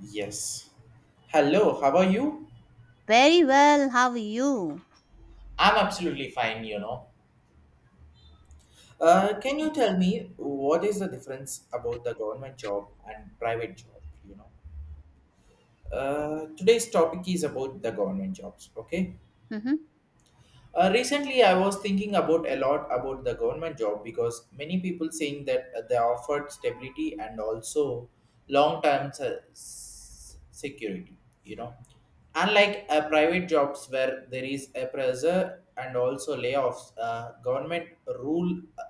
Yes. Hello, how are you? Very well, how are you? I'm absolutely fine, you know. Can you tell me what is the difference about the government job and private job? You know, today's topic is about the government jobs. Okay, Mhm. Recently, I was thinking about a lot about the government job because many people saying that they offered stability and also long-term security. You know, unlike private jobs where there is a pressure and also layoffs, government rule.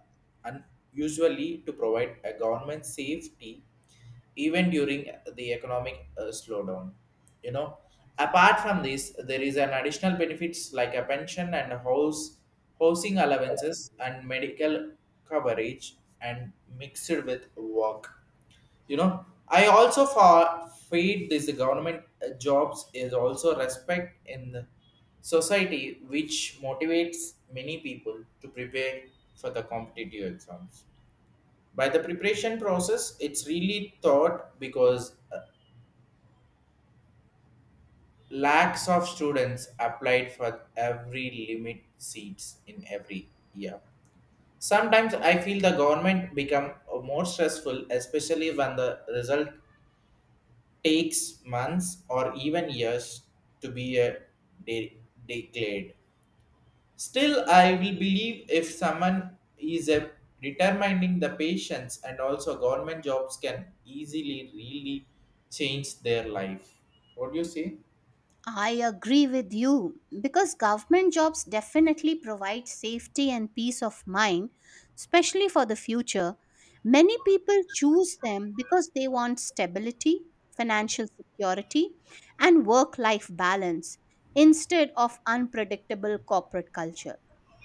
And usually to provide a government safety even during the economic slowdown, you know. Apart from this, there is an additional benefits like a pension and house housing allowances and medical coverage and mixed with work, you know. I also for feed this government jobs is also respect in the society, which motivates many people to prepare for the competitive exams. By the preparation process, it's really thought, because lakhs of students applied for every limit seats in every year. Sometimes I feel the government become more stressful, especially when the result takes months or even years to be de- declared. Still, I will believe if someone is a determining the patients, and also government jobs can easily really change their life. What do you say? I agree with you because government jobs definitely provide safety and peace of mind, especially for the future. Many people choose them because they want stability, financial security, and work life balance instead of unpredictable corporate culture.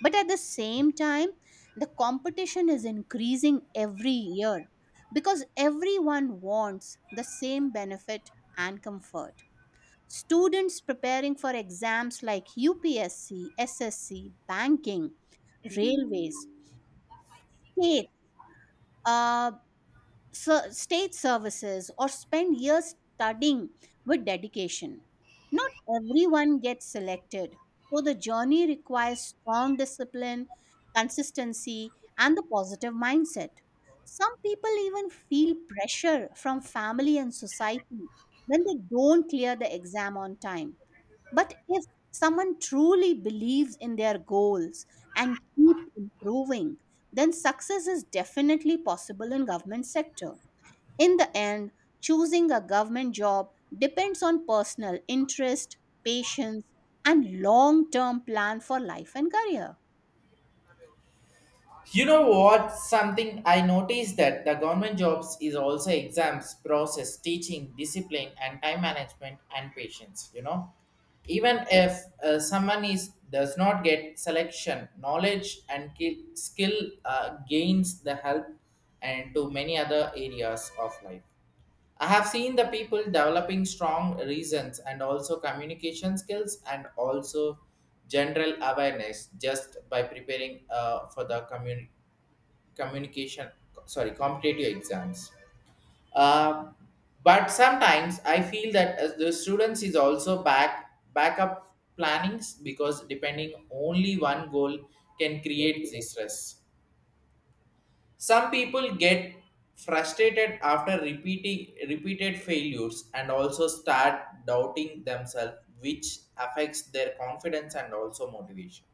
But at the same time, the competition is increasing every year because everyone wants the same benefit and comfort. Students preparing for exams like UPSC, SSC, banking, railways, state, uh, state services, or spend years studying with dedication. Not everyone gets selected, so the journey requires strong discipline, consistency, and the positive mindset. Some people even feel pressure from family and society when they don't clear the exam on time. But if someone truly believes in their goals and keep improving, then success is definitely possible in government sector. In the end, choosing a government job depends on personal interest, patience, and long-term plan for life and career. You know what? Something I noticed that the government jobs is also exams, process, teaching, discipline, and time management and patience. You know, even if someone is does not get selection, knowledge and skill gains the help and to many other areas of life. I have seen the people developing strong reasons and also communication skills and also general awareness just by preparing for the community communication sorry competitive exams. Uh, but sometimes I feel that as the students is also backup plannings, because depending only one goal can create the stress. Some people get frustrated after repeating repeated failures and also start doubting themselves, which affects their confidence and also motivation.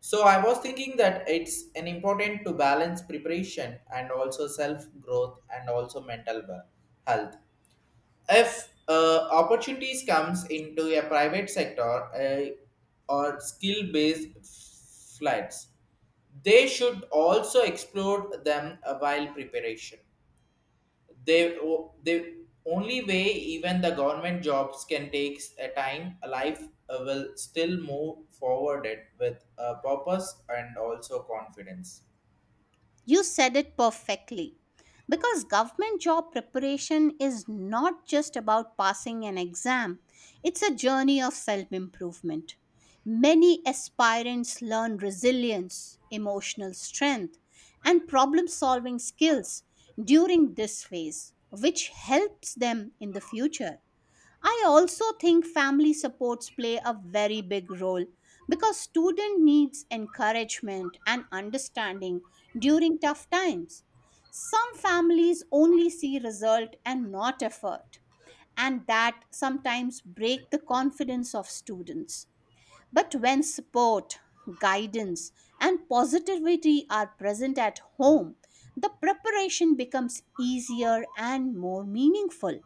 So I was thinking that it's an important to balance preparation and also self growth and also mental health. If opportunities comes into a private sector, uh, or skill based flights, they should also explore them while preparation. The only way even the government jobs can take a time a life, will still move forward it with a purpose and also confidence. You said it perfectly. Because government job preparation is not just about passing an exam, it's a journey of self improvement. Many aspirants learn resilience, emotional strength, and problem solving skills during this phase, which helps them in the future. I also think family supports play a very big role because student needs encouragement and understanding during tough times. Some families only see result and not effort, and that sometimes break the confidence of students. But when support, guidance, and positivity are present at home, the preparation becomes easier and more meaningful.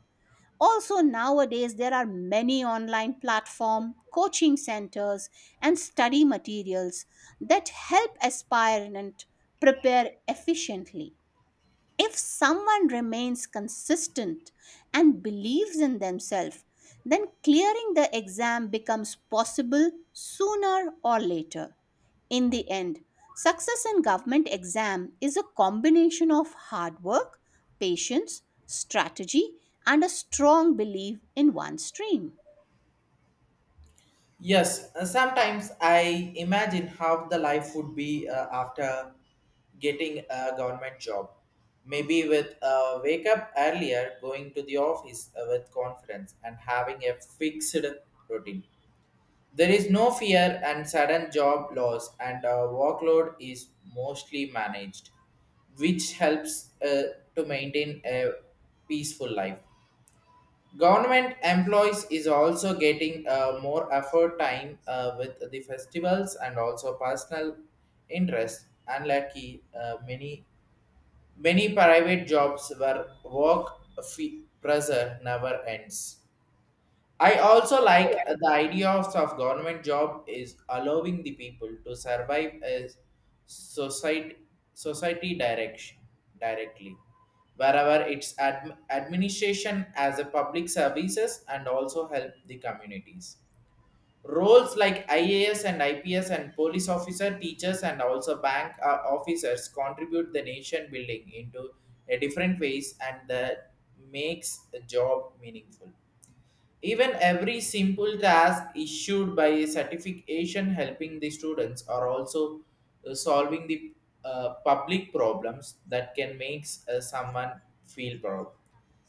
Also nowadays there are many online platform, coaching centers and study materials that help aspirant prepare efficiently. If someone remains consistent and believes in themselves, then clearing the exam becomes possible sooner or later. In the end, success in government exam is a combination of hard work, patience, strategy, and a strong belief in one's dream. Yes, sometimes I imagine how the life would be after getting a government job. Maybe with wake up earlier, going to the office with confidence and having a fixed routine. There is no fear and sudden job loss, and workload is mostly managed, which helps to maintain a peaceful life. Government employees is also getting more effort time with the festivals and also personal interest. Unlucky, many private jobs where work fee pressure never ends. I also like the idea of government job is allowing the people to survive as society society direction directly wherever its administration as a public services and also help the communities. Roles like ias and ips and police officer teachers and also bank officers contribute the nation building into a different ways, and that makes the job meaningful. Even every simple task issued by a certification, helping the students are also solving the public problems that can make someone feel proud.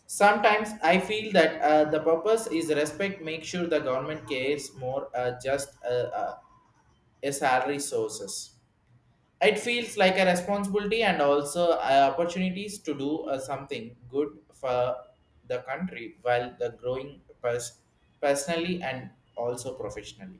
Sometimes I feel that the purpose is respect, make sure the government cares more just a salary sources. It feels like a responsibility and also opportunities to do something good for the country while the growing personally and also professionally.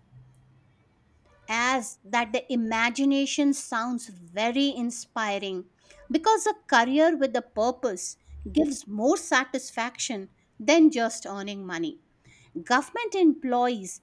As that the imagination sounds very inspiring because a career with a purpose gives more satisfaction than just earning money. Government employees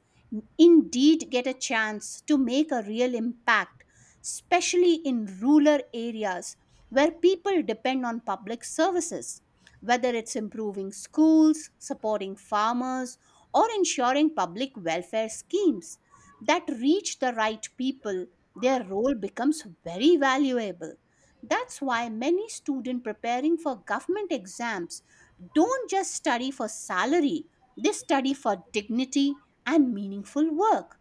indeed get a chance to make a real impact, especially in rural areas where people depend on public services, whether it's improving schools, supporting farmers, or ensuring public welfare schemes that reach the right people, their role becomes very valuable. That's why many students preparing for government exams don't just study for salary, they study for dignity and meaningful work.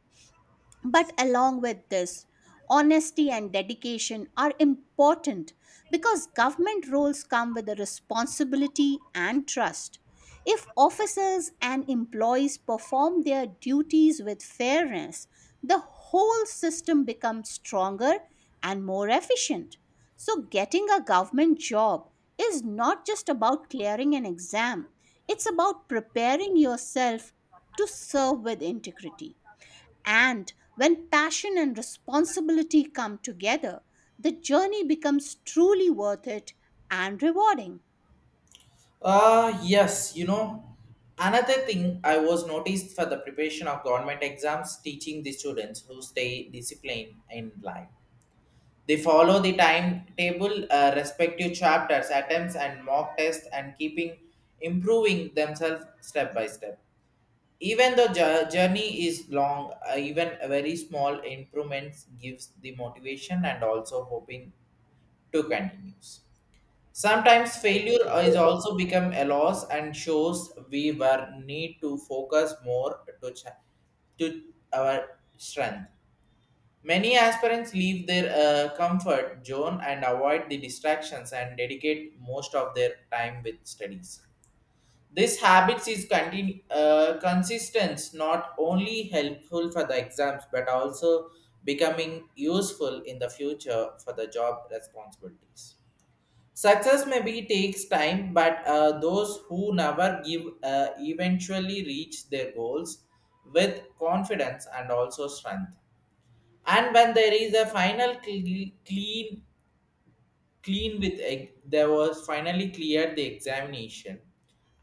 But along with this, honesty and dedication are important because government roles come with a responsibility and trust. If officers and employees perform their duties with fairness, the whole system becomes stronger and more efficient. So, getting a government job is not just about clearing an exam, it's about preparing yourself to serve with integrity. And when passion and responsibility come together, the journey becomes truly worth it and rewarding. Ah, yes, you know, another thing I was noticed for the preparation of government exams teaching the students who stay disciplined in life. They follow the timetable, respective chapters, attempts, and mock tests, and keeping improving themselves step by step. Even the journey is long, even a very small improvements gives the motivation and also hoping to continue. Sometimes failure is also become a loss and shows we were need to focus more to our strength. Many aspirants leave their comfort zone and avoid the distractions and dedicate most of their time with studies. This habits is consistent, not only helpful for the exams, but also becoming useful in the future for the job responsibilities. Success maybe takes time, but those who never give eventually reach their goals with confidence and also strength. And when there is a final clean with egg, they was finally cleared the examination,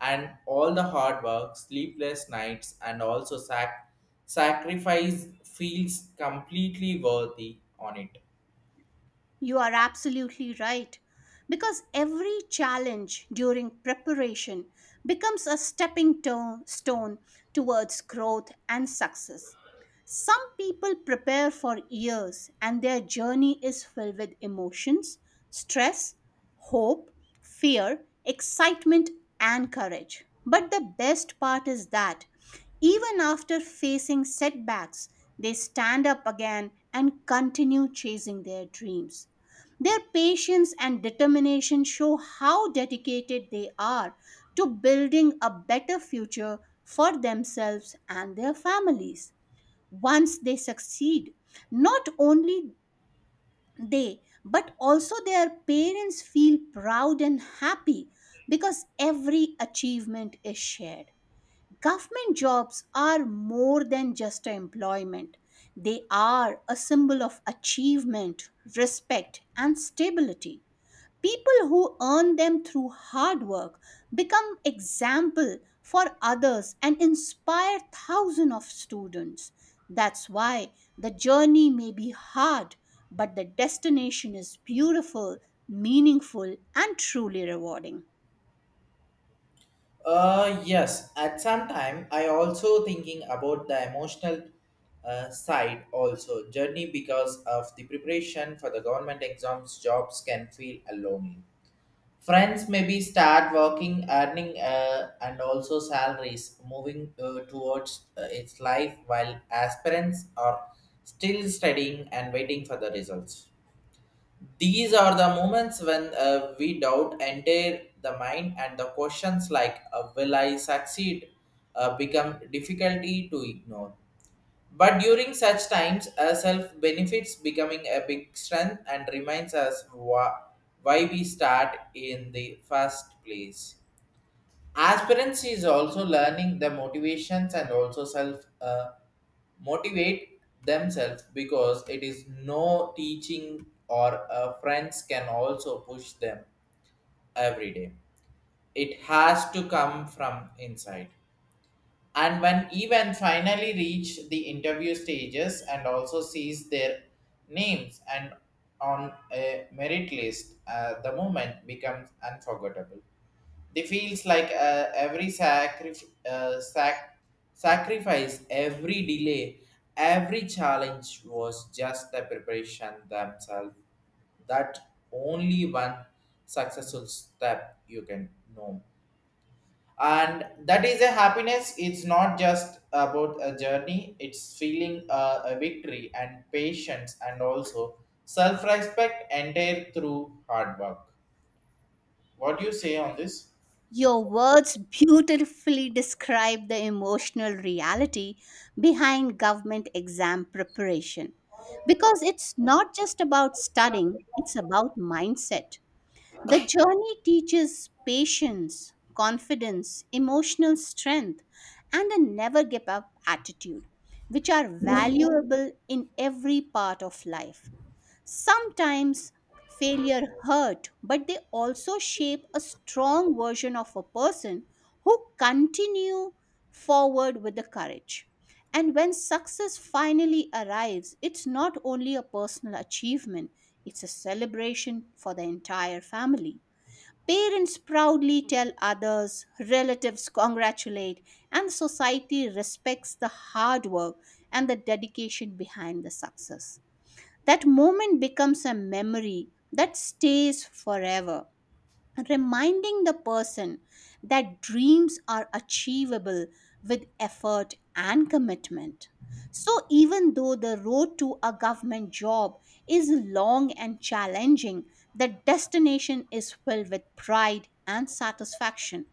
and all the hard work, sleepless nights, and also sacrifice feels completely worthy on it. You are absolutely right. Because every challenge during preparation becomes a stone towards growth and success. Some people prepare for years and their journey is filled with emotions, stress, hope, fear, excitement, and courage. But the best part is that even after facing setbacks, they stand up again and continue chasing their dreams. Their patience and determination show how dedicated they are to building a better future for themselves and their families. Once they succeed, not only they but also their parents feel proud and happy because every achievement is shared. Government jobs are more than just employment. They are a symbol of achievement, respect, and stability. People who earn them through hard work become example for others and inspire thousands of students. That's why the journey may be hard, but the destination is beautiful, meaningful, and truly rewarding. Yes, at some time I also thinking about the emotional side also journey, because of the preparation for the government exams jobs can feel alone. Friends maybe start working, earning, and also salaries, moving towards its life, while aspirants are still studying and waiting for the results. These are the moments when we doubt enter the mind, and the questions like "Will I succeed?" Become difficulty to ignore. But during such times, a self benefits becoming a big strength and reminds us why we start in the first place. Aspirants is also learning the motivations and also self motivate themselves, because it is no teaching or friends can also push them every day. It has to come from inside. And when even finally reach the interview stages and also sees their names and on a merit list, the moment becomes unforgettable. They feels like every sacrifice, every delay, every challenge was just the preparation themselves. That only one successful step you can know, and that is a happiness. It's not just about a journey, it's feeling a victory and patience and also self-respect entire through hard work. What do you say on this? Your words beautifully describe the emotional reality behind government exam preparation because it's not just about studying, it's about mindset. The journey teaches patience, confidence, emotional strength, and a never give up attitude, which are valuable in every part of life. Sometimes failure hurt, but they also shape a strong version of a person who continue forward with the courage. And when success finally arrives, it's not only a personal achievement, it's a celebration for the entire family. Parents proudly tell others, relatives congratulate, and society respects the hard work and the dedication behind the success. That moment becomes a memory that stays forever reminding the person that dreams are achievable with effort and commitment. So, even though the road to a government job is long and challenging, the destination is filled with pride and satisfaction.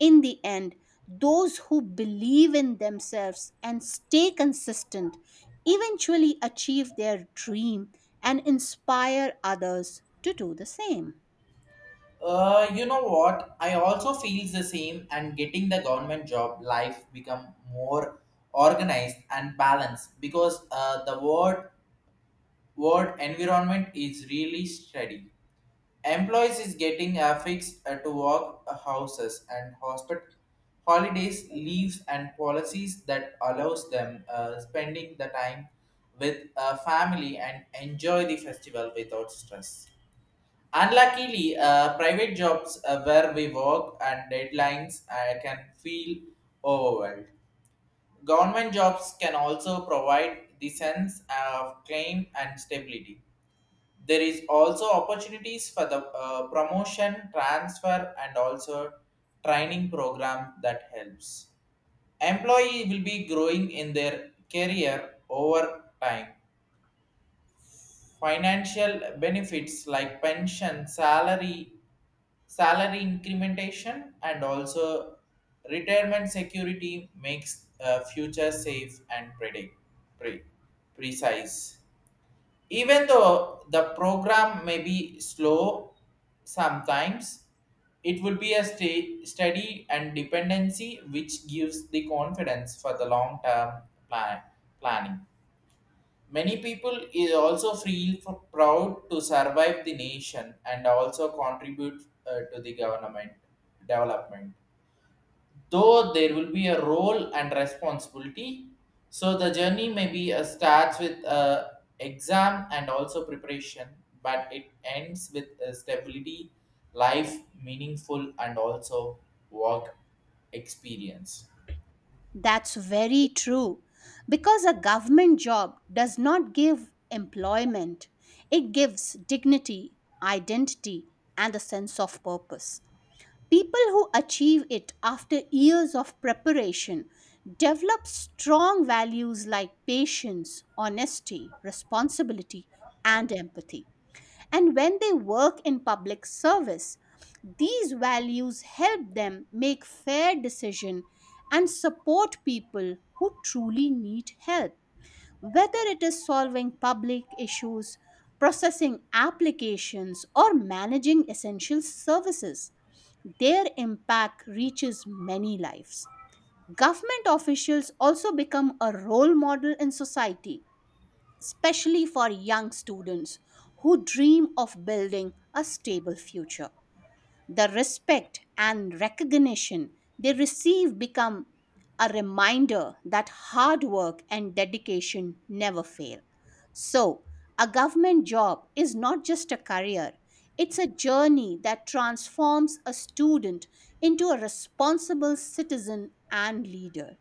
In the end, those who believe in themselves and stay consistent eventually achieve their dream and inspire others to do the same. You know what? I also feels the same, and getting the government job life become more organized and balanced, because the word word environment is really steady. Employees is getting affixed to work houses and hospital holidays, leaves, and policies that allows them spending the time with family and enjoy the festival without stress. Unluckily, private jobs where we work and deadlines can feel overwhelmed. Government jobs can also provide the sense of claim and stability. There is also opportunities for the promotion, transfer, and also training program that helps. Employee will be growing in their career over time. Financial benefits like pension, salary incrementation, and also retirement security makes future safe and pre- precise. Even though the program may be slow sometimes, it would be a steady and dependency, which gives the confidence for the long term plan- planning. Many people is also feel proud to survive the nation and also contribute to the government development, though there will be a role and responsibility. So the journey maybe starts with exam and also preparation, but it ends with stability life meaningful and also work experience. That's very true. Because a government job does not give employment, it gives dignity, identity, and a sense of purpose. People who achieve it after years of preparation develop strong values like patience, honesty, responsibility, and empathy and when they work in public service. These values help them make fair decisions and support people who truly need help. Whether it is solving public issues, processing applications, or managing essential services, their impact reaches many lives. Government officials also become a role model in society especially for young students who dream of building a stable future. The respect and recognition they receive become a reminder that hard work and dedication never fail. So, a government job is not just a career, it's a journey that transforms a student into a responsible citizen and leader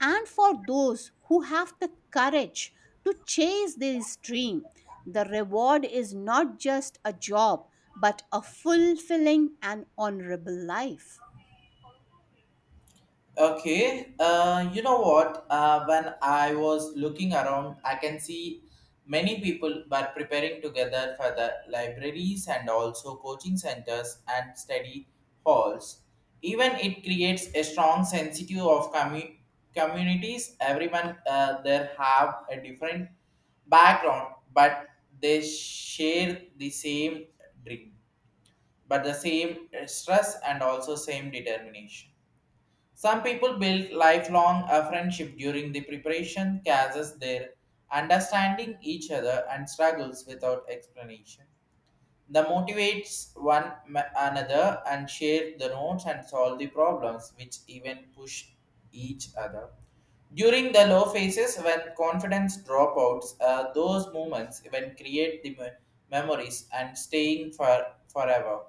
and for those who have the courage to chase this dream, the reward is not just a job, but a fulfilling and honorable life. Okay, you know what? When I was looking around, I can see many people were preparing together for the libraries and also coaching centers and study halls. Even it creates a strong sensitive of communities. Everyone there have a different background, but they share the same dream, but the same stress and also same determination. Some people build lifelong a friendship during the preparation, causes their understanding each other and struggles without explanation. The motivates one another and share the notes and solve the problems, which even push each other. During the low phases, when confidence dropouts, those moments even create the memories and staying for forever.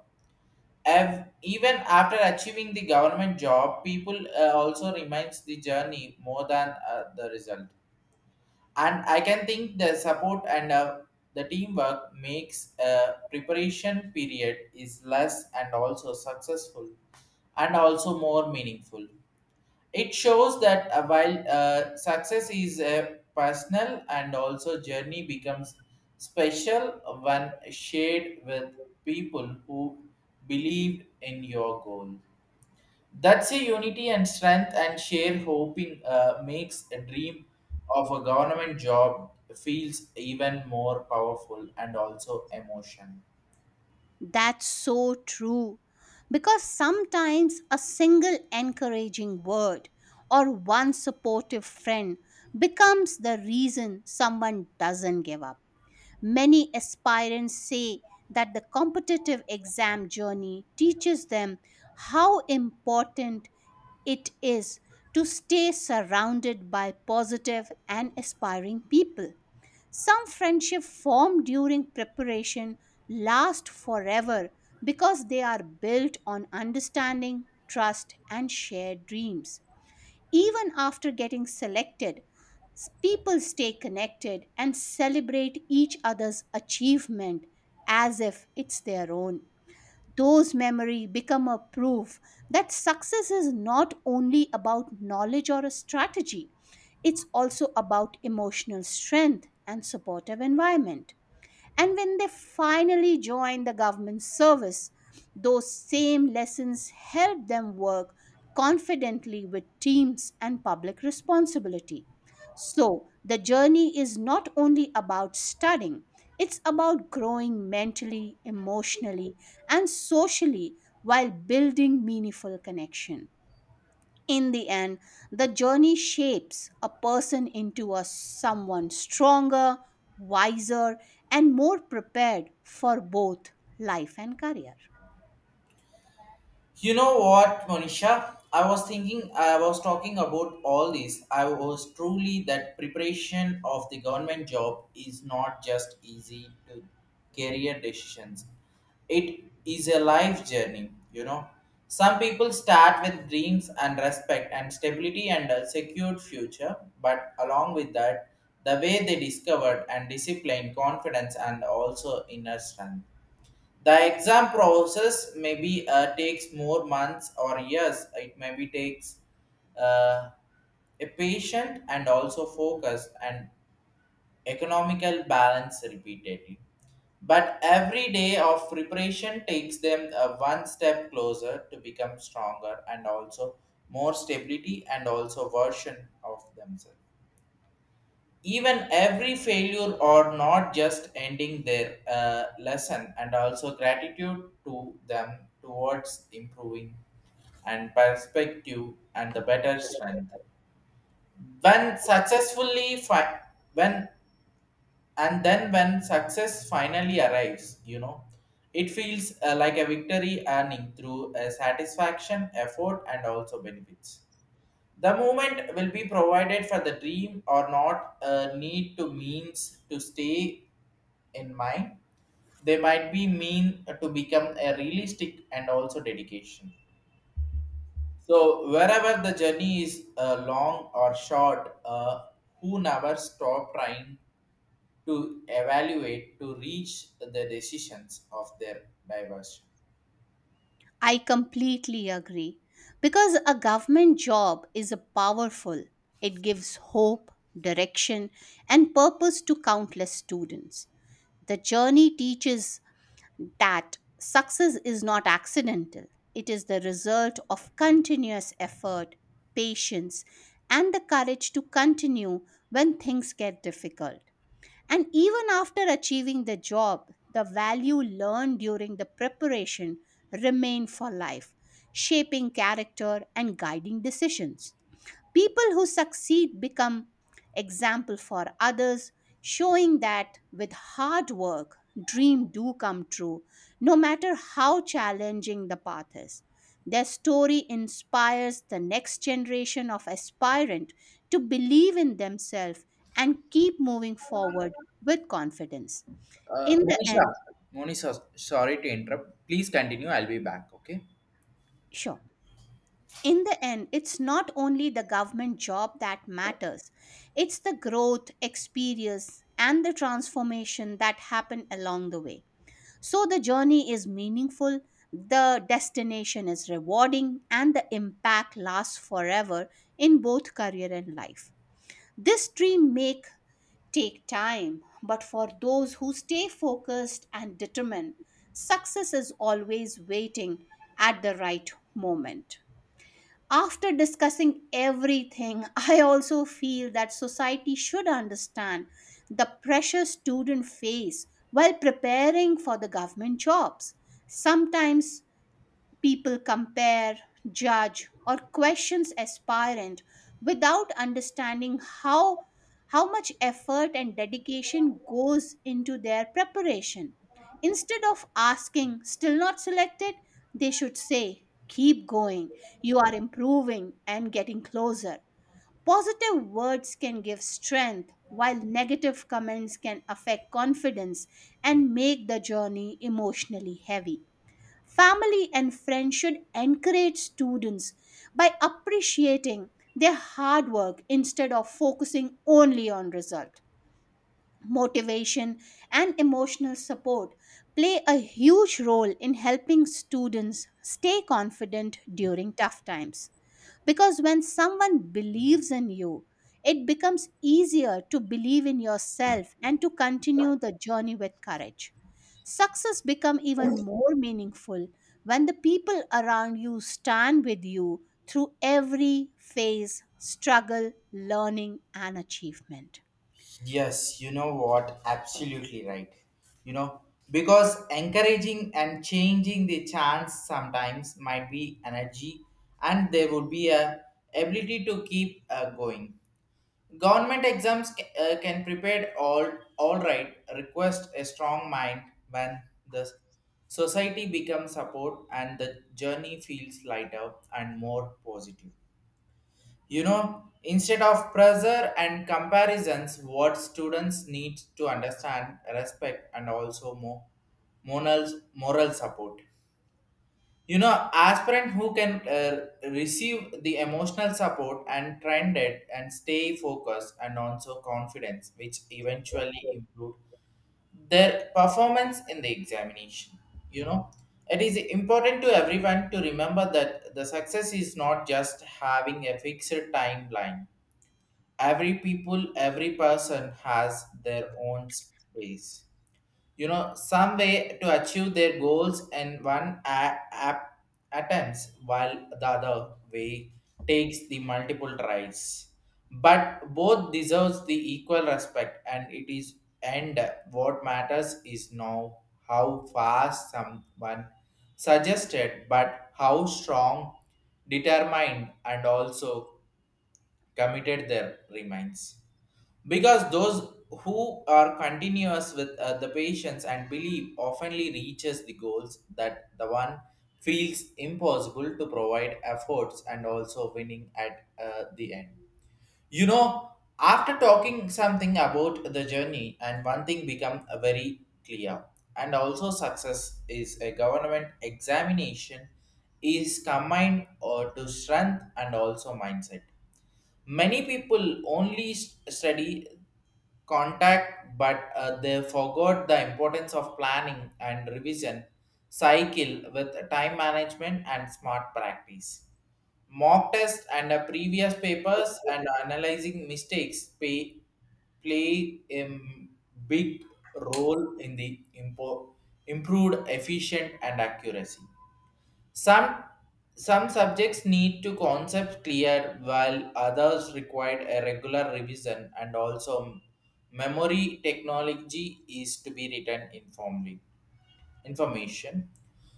Even after achieving the government job, people also remains the journey more than the result. And I can think the support and the teamwork makes a preparation period is less and also successful and also more meaningful. It shows that while success is a personal and also journey becomes special when shared with people who believe in your goal. That's a unity and strength and share hoping makes a dream of a government job feels even more powerful and also emotion. That's so true. Because sometimes a single encouraging word or one supportive friend becomes the reason someone doesn't give up. Many aspirants say that the competitive exam journey teaches them how important it is to stay surrounded by positive and aspiring people. Some friendships formed during preparation last forever because they are built on understanding, trust, and shared dreams. Even after getting selected, people stay connected and celebrate each other's achievement as if it's their own. Those memories become a proof that success is not only about knowledge or a strategy, it's also about emotional strength and supportive environment. And when they finally join the government service, those same lessons help them work confidently with teams and public responsibility. So, the journey is not only about studying, it's about growing mentally, emotionally, and socially while building meaningful connection. In the end, the journey shapes a person into a someone stronger, wiser, and more prepared for both life and career. You know what, Monisha? I was thinking, I was talking about all this. I was truly that preparation of the government job is not just easy to career decisions. It is a life journey, you know. Some people start with dreams and respect and stability and a secured future, but along with that, the way they discovered and discipline, confidence, and also inner strength the exam process maybe takes more months or years it maybe takes uh, a patient and also focus and economical balance repeatedly but every day of preparation takes them one step closer to become stronger and also more stability and also version of themselves even every failure or not just ending their lesson and also gratitude to them towards improving and perspective and the better strength when successfully fi- when and then when success finally arrives, you know, it feels like a victory earning through a satisfaction effort and also benefits the movement will be provided for the dream or not need to means to stay in mind. They might be mean to become a realistic and also dedication. So wherever the journey is long or short, who never stop trying to evaluate to reach the decisions of their diversion. I completely agree because a government job is a powerful. It gives hope, direction, and purpose to countless students. The journey teaches that success is not accidental, it is the result of continuous effort, patience, and the courage to continue when things get difficult. And even after achieving the job, the value learned during the preparation remain for life, shaping character and guiding decisions. People who succeed become example for others, showing that with hard work, dream do come true, no matter how challenging the path is. Their story inspires the next generation of aspirant to believe in themselves and keep moving forward with confidence. Uh, In the Monisha, end, Monisha, sorry to interrupt. Please continue. I'll be back. Okay. sure. In the end, it's not only the government job that matters, it's the growth, experience, and the transformation that happen along the way. So the journey is meaningful, the destination is rewarding, and the impact lasts forever in both career and life. This dream may take time, but for those who stay focused and determined, success is always waiting at the right moment. After discussing everything, I also feel that society should understand the pressure students face while preparing for the government jobs. Sometimes people compare, judge, or questions aspirant without understanding how much effort and dedication goes into their preparation. Instead of asking, still not selected, they should say, keep going. You are improving and getting closer. Positive words can give strength, while negative comments can affect confidence and make the journey emotionally heavy. Family and friends should encourage students by appreciating their hard work instead of focusing only on result motivation, and emotional support play a huge role in helping students stay confident during tough times. Because when someone believes in you, it becomes easier to believe in yourself and to continue the journey with courage. Success becomes even more meaningful when the people around you stand with you through every phase, struggle, learning and achievement. Yes, you know what? Absolutely right. You know, because encouraging and changing the chance sometimes might be energy and there would be a ability to keep going. Government exams can prepare all right request a strong mind when the society becomes support and the journey feels lighter and more positive. You know, instead of pressure and comparisons, what students need to understand, respect, and also more moral support. You know, aspirant who can receive the emotional support and trend it and stay focused and also confidence, which eventually improve their performance in the examination. You know, it is important to everyone to remember that the success is not just having a fixed timeline every people every person has their own space, you know, some way to achieve their goals and app attempts while the other way takes the multiple tries but both deserves the equal respect and it is and what matters is now how fast someone suggested but how strong determined and also committed their remains because those who are continuous with the patience and belief oftenly reaches the goals that the one feels impossible to provide efforts and also winning at the end, you know, after talking something about the journey and one thing become very clear and also success is a government examination is combined or to strength and also mindset many people only study contact, but they forgot the importance of planning and revision cycle with time management and smart practice. Mock test and previous papers and analyzing mistakes play a big role in the improved efficient and accuracy. Some some subjects need to concept clear while others require a regular revision and also memory technology is to be written informally information.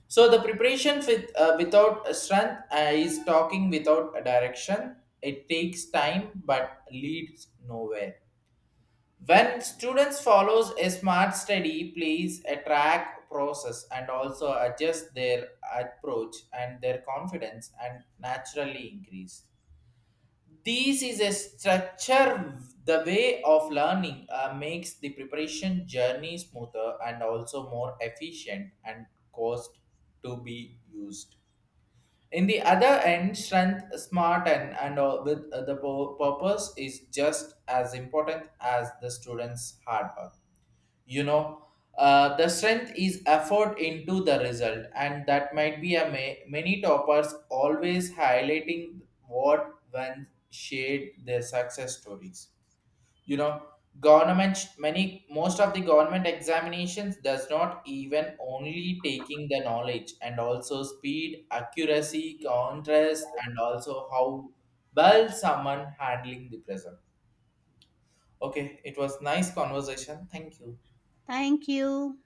So the preparation with without strength is talking without a direction. It takes time but leads nowhere. When students follows a smart study, please track process and also adjust their approach and their confidence and naturally increase. This is a structure. The way of learning makes the preparation journey smoother and also more efficient and cost to be used. In the other end, strength, smart, and all with the purpose is just as important as the student's hard work, you know, the strength is effort into the result and that might be a many toppers always highlighting what when shared their success stories, you know, government many most of the government examinations does not even only taking the knowledge and also speed accuracy contrast and also how well someone handling the present. Okay, it was nice conversation, thank you. Thank you.